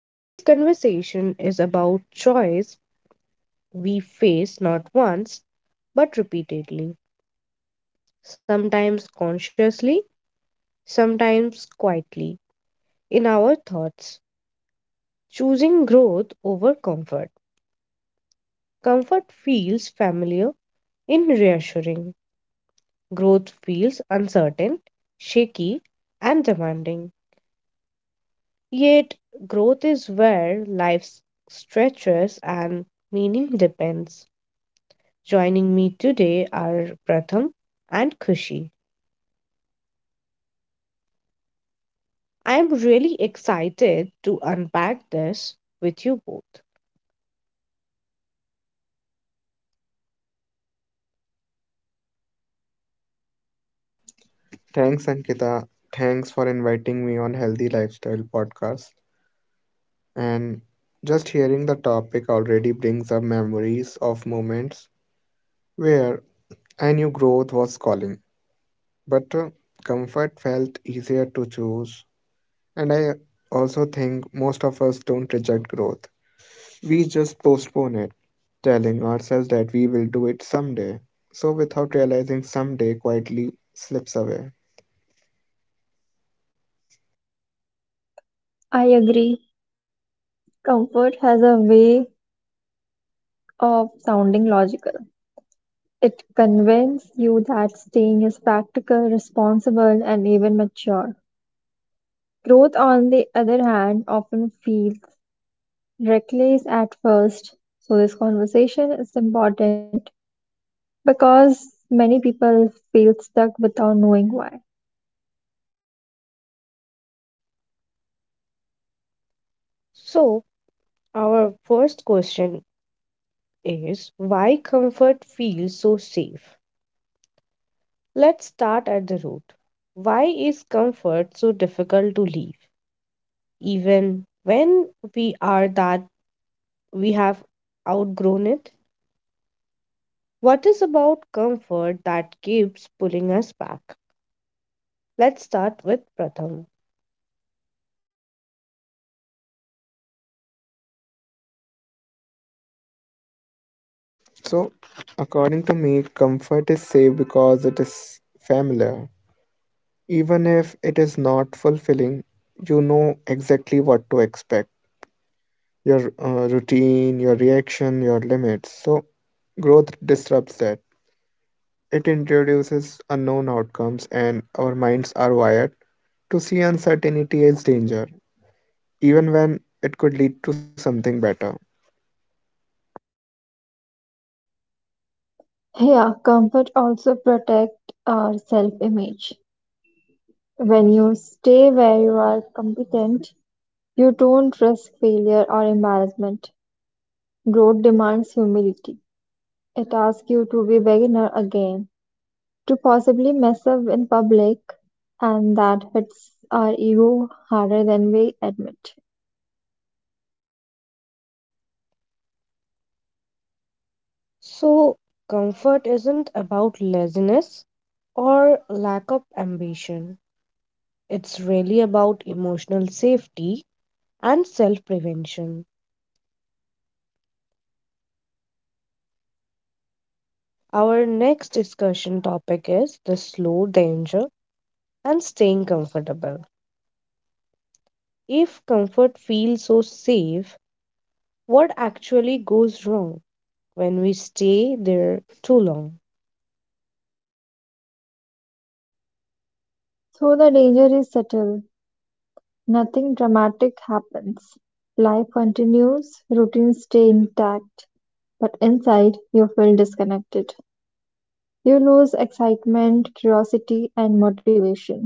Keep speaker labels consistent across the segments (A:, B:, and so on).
A: Today's conversation is about choice we face not once but repeatedly, sometimes consciously, sometimes quietly, in our thoughts. Choosing growth over comfort. Comfort feels familiar and reassuring, growth feels uncertain, shaky, and demanding. Yet, growth is where life stretches and meaning depends. Joining me today are Pratham and Kushi. I am really excited to unpack this with you both.
B: Thanks, Ankita. Thanks for inviting me on Healthy Lifestyle Podcast. And just hearing the topic already brings up memories of moments where I knew growth was calling, but comfort felt easier to choose. And I also think most of us don't reject growth, we just postpone it, telling ourselves that we will do it someday. So, without realizing, someday quietly slips away.
C: I agree. Comfort has a way of sounding logical. It convinces you that staying is practical, responsible, and even mature. Growth, on the other hand, often feels reckless at first. So, this conversation is important because many people feel stuck without knowing why.
A: So, our first question is why comfort feels so safe? Let's start at the root. Why is comfort so difficult to leave, even when we are that we have outgrown it? What is about comfort that keeps pulling us back? Let's start with Pratham.
B: So, according to me, comfort is safe because it is familiar. Even if it is not fulfilling, you know exactly what to expect your routine, your reaction, your limits. So, growth disrupts that. It introduces unknown outcomes, and our minds are wired to see uncertainty as danger, even when it could lead to something better.
C: Yeah, comfort also protects our self image. When you stay where you are competent, you don't risk failure or embarrassment. Growth demands humility. It asks you to be beginner again, to possibly mess up in public, and that hits our ego harder than we admit.
A: So, comfort isn't about laziness or lack of ambition. It's really about emotional safety and self prevention. Our next discussion topic is the slow danger and staying comfortable. If comfort feels so safe, what actually goes wrong when we stay there too long?
C: So the danger is subtle. Nothing dramatic happens. Life continues, routines stay intact, but inside you feel disconnected. You lose excitement, curiosity, and motivation.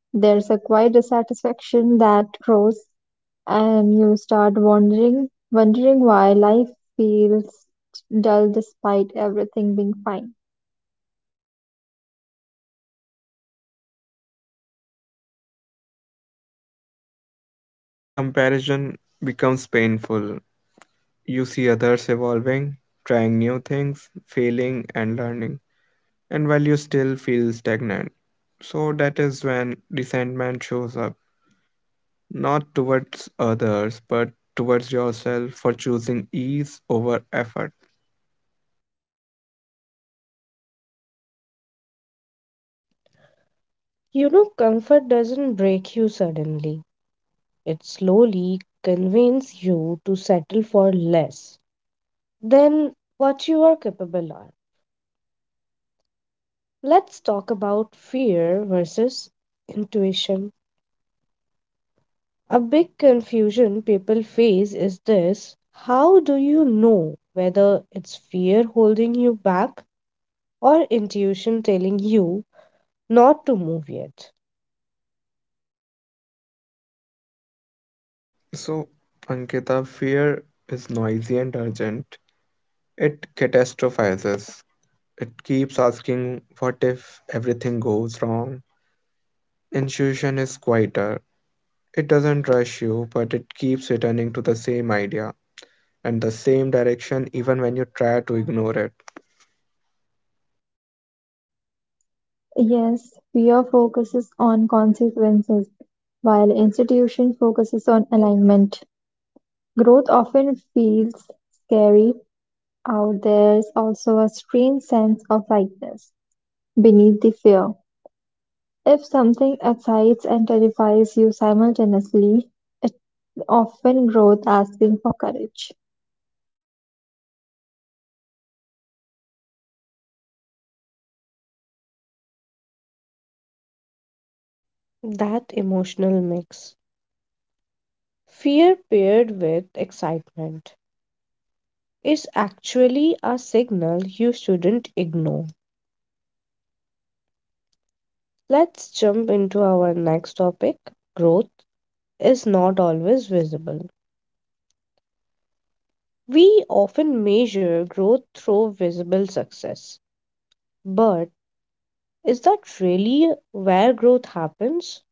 C: There's a quiet dissatisfaction that grows, and you start wondering why life feels dull despite everything being fine.
B: And comparison becomes painful. You see others evolving, trying new things, failing, and learning, and while you still feel stagnant. So that is when resentment shows up, not towards others, but towards yourself for choosing ease over effort.
A: You know, comfort doesn't break you suddenly. It slowly convinces you to settle for less than what you are capable of. Let's talk about fear versus intuition. A big confusion people face is this how do you know whether it's fear holding you back or intuition telling you not to move yet?
B: So, Ankita, fear is noisy and urgent. It catastrophizes. It keeps asking, what if everything goes wrong? Intuition is quieter. It doesn't rush you, but it keeps returning to the same idea and the same direction even when you try to ignore it.
C: Yes, fear focuses on consequences, while institution focuses on alignment. Growth often feels scary. Out there's also a strange sense of lightness beneath the fear. If something excites and terrifies you simultaneously, it. Often growth asking for courage.
A: That emotional mix. Fear paired with excitement is actually a signal you shouldn't ignore. Let's jump into our next topic growth is not always visible. We often measure growth through visible success, but is that really where growth happens?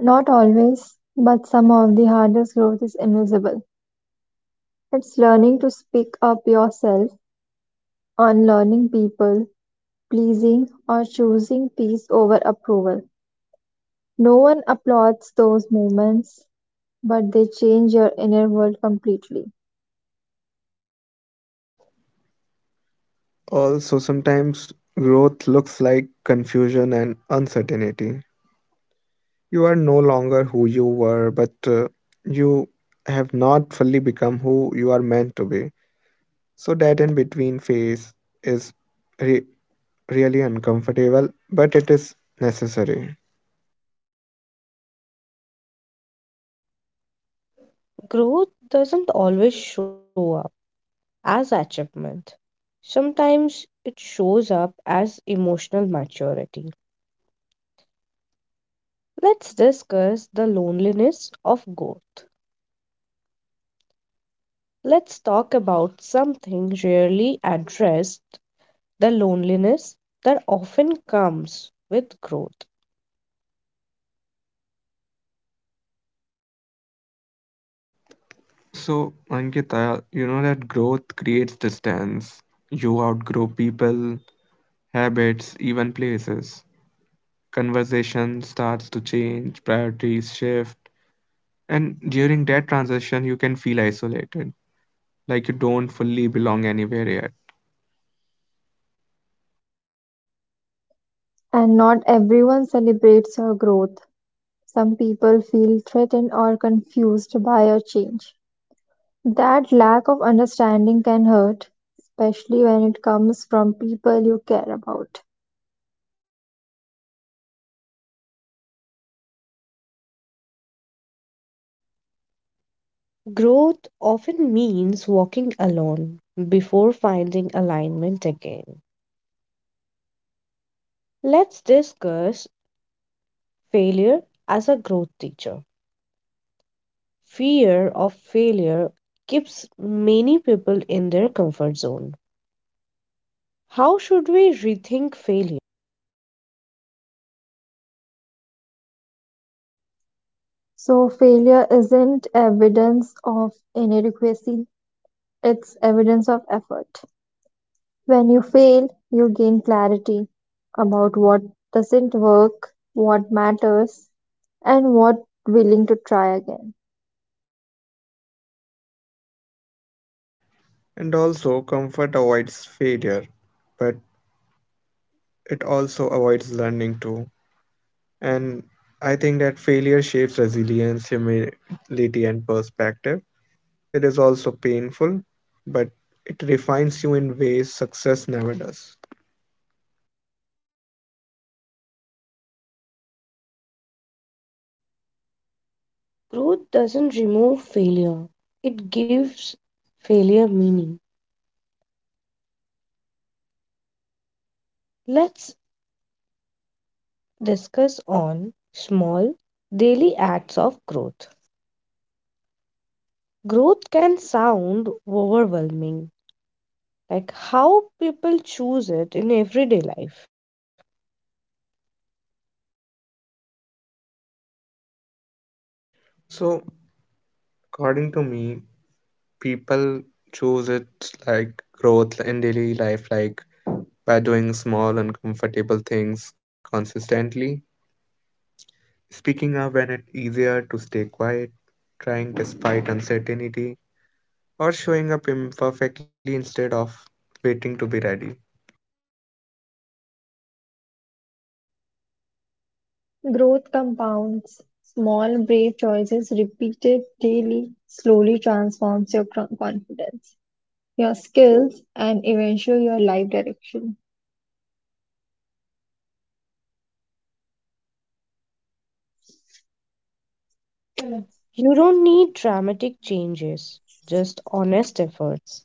C: Not always, but some of the hardest growth is invisible. It's learning to speak up yourself, unlearning people, pleasing, or choosing peace over approval. No one applauds those moments, but they change your inner world completely.
B: Also, sometimes growth looks like confusion and uncertainty. You are no longer who you were, but you have not fully become who you are meant to be. So, that in between phase is re- really uncomfortable, but it is necessary.
A: Growth doesn't always show up as achievement. Sometimes it shows up as emotional maturity. Let's discuss the loneliness of growth. Let's talk about something rarely addressed the loneliness that often comes with growth.
B: So, Ankita, you know that growth creates distance. You outgrow people, habits, even places. Conversation starts to change, priorities shift, and during that transition, you can feel isolated, like you don't fully belong anywhere yet.
C: And not everyone celebrates your growth. Some people feel threatened or confused by your change. That lack of understanding can hurt, especially when it comes from people you care about.
A: Growth often means walking alone before finding alignment again. Let's discuss failure as a growth teacher. Fear of failure keeps many people in their comfort zone. How should we rethink failure?
C: So, failure isn't evidence of inadequacy, it's evidence of effort. When you fail, you gain clarity about what doesn't work, what matters, and what willing to try again.
B: And also, comfort avoids failure, but it also avoids learning too. And I think that failure shapes resilience, humility, and perspective. It is also painful, but it refines you in ways success never does.
A: Growth doesn't remove failure, it gives failure meaning. Let's discuss on small daily acts of growth. Growth can sound overwhelming, like how people choose it in everyday life.
B: So, according to me, people choose it like growth in daily life, like by doing small uncomfortable things consistently, speaking up when it's easier to stay quiet, trying despite uncertainty, or showing up imperfectly instead of waiting to be ready.
C: Growth compounds. Small, brave choices repeated daily slowly transforms your confidence, your skills, and eventually your life direction.
A: You don't need dramatic changes, just honest efforts.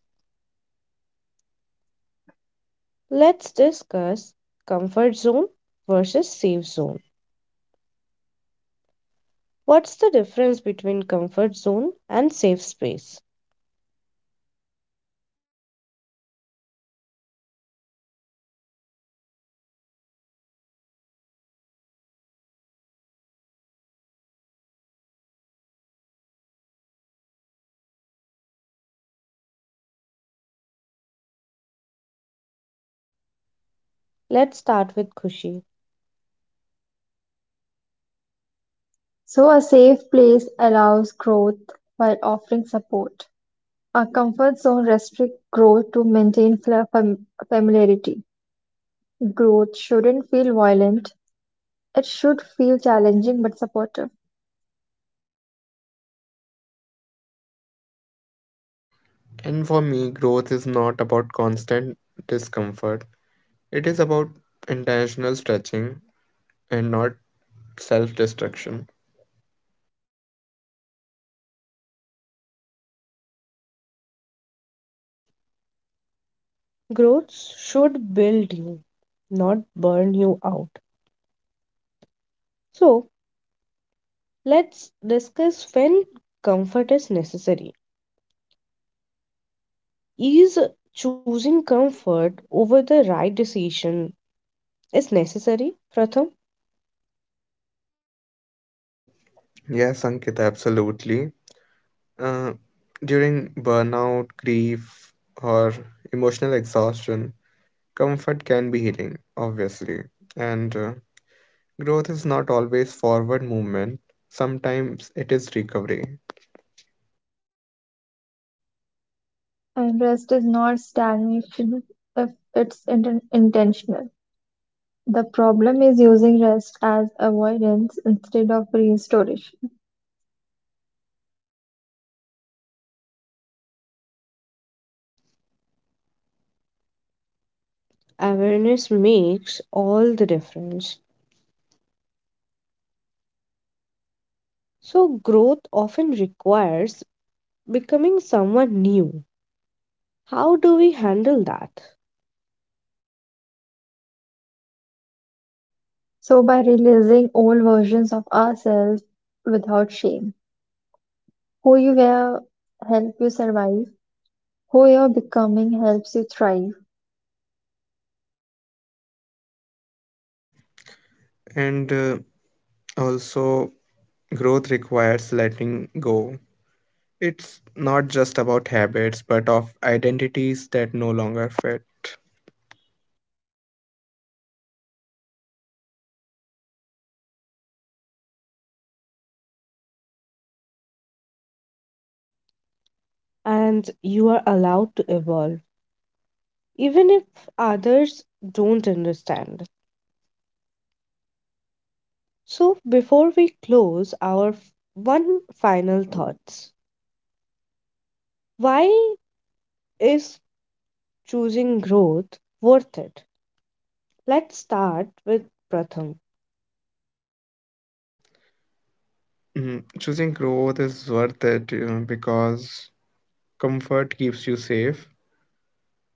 A: Let's discuss comfort zone versus safe zone. What's the difference between comfort zone and safe space? Let's start with Kushi.
C: So, a safe place allows growth while offering support. A comfort zone restricts growth to maintain familiarity. Growth shouldn't feel violent, it should feel challenging but supportive.
B: And for me, growth is not about constant discomfort, it is about intentional stretching and not self destruction.
A: Growth should build you, not burn you out. So, let's discuss when comfort is necessary. Is choosing comfort over the right decision is necessary? Pratham,
B: Yes, Ankit, absolutely. Uh, During burnout, grief, or emotional exhaustion, comfort can be healing, obviously. And growth is not always forward movement, sometimes it is recovery.
C: And rest is not stagnation if it's intentional. The problem is using rest as avoidance instead of restoration.
A: awareness makes all the difference. So growth often requires becoming someone new. How do we handle that?
C: So by releasing old versions of ourselves without shame, who you were helps you survive, who you're becoming helps you thrive,
B: And also, growth requires letting go. It's not just about habits, but of identities that no longer fit.
A: And you are allowed to evolve even if others don't understand. So before we close one final thoughts. Why Is choosing growth worth it? Let's start with Pratham.
B: Choosing growth is worth it, because comfort keeps you safe,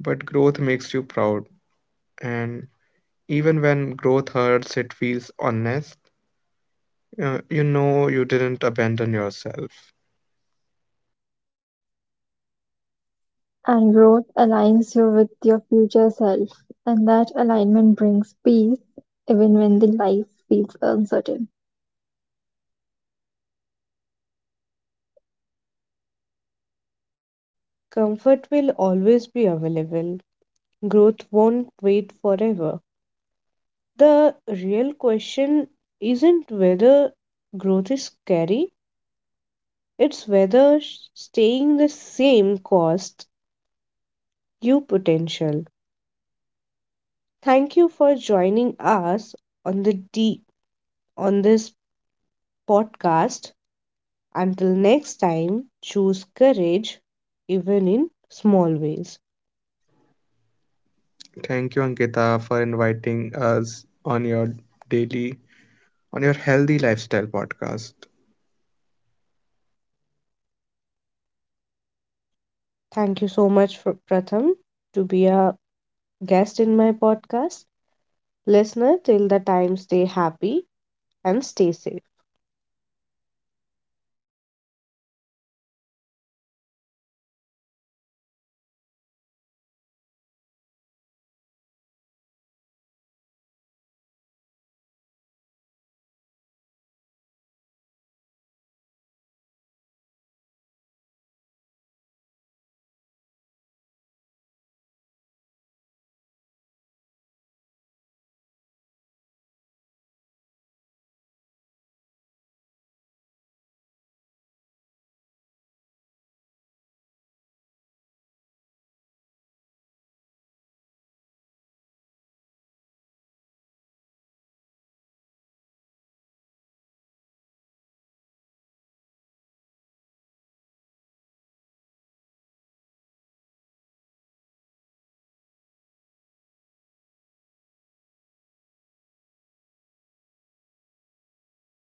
B: but growth makes you proud. And even when growth hurts, it feels honest. You didn't abandon yourself.
C: and growth aligns you with your future self, and that alignment brings peace even when the life feels uncertain.
A: Comfort will always be available, growth won't wait forever. The real question isn't whether growth is scary, it's whether staying the same costs you potential. Thank you for joining us on the D on this podcast. Until next time, choose courage even in small ways.
B: Thank you, Ankita, for inviting us on your daily, on your healthy lifestyle podcast.
A: Thank you so much, for Pratham, to be a guest in my podcast. Listener, till the time, stay happy and stay safe.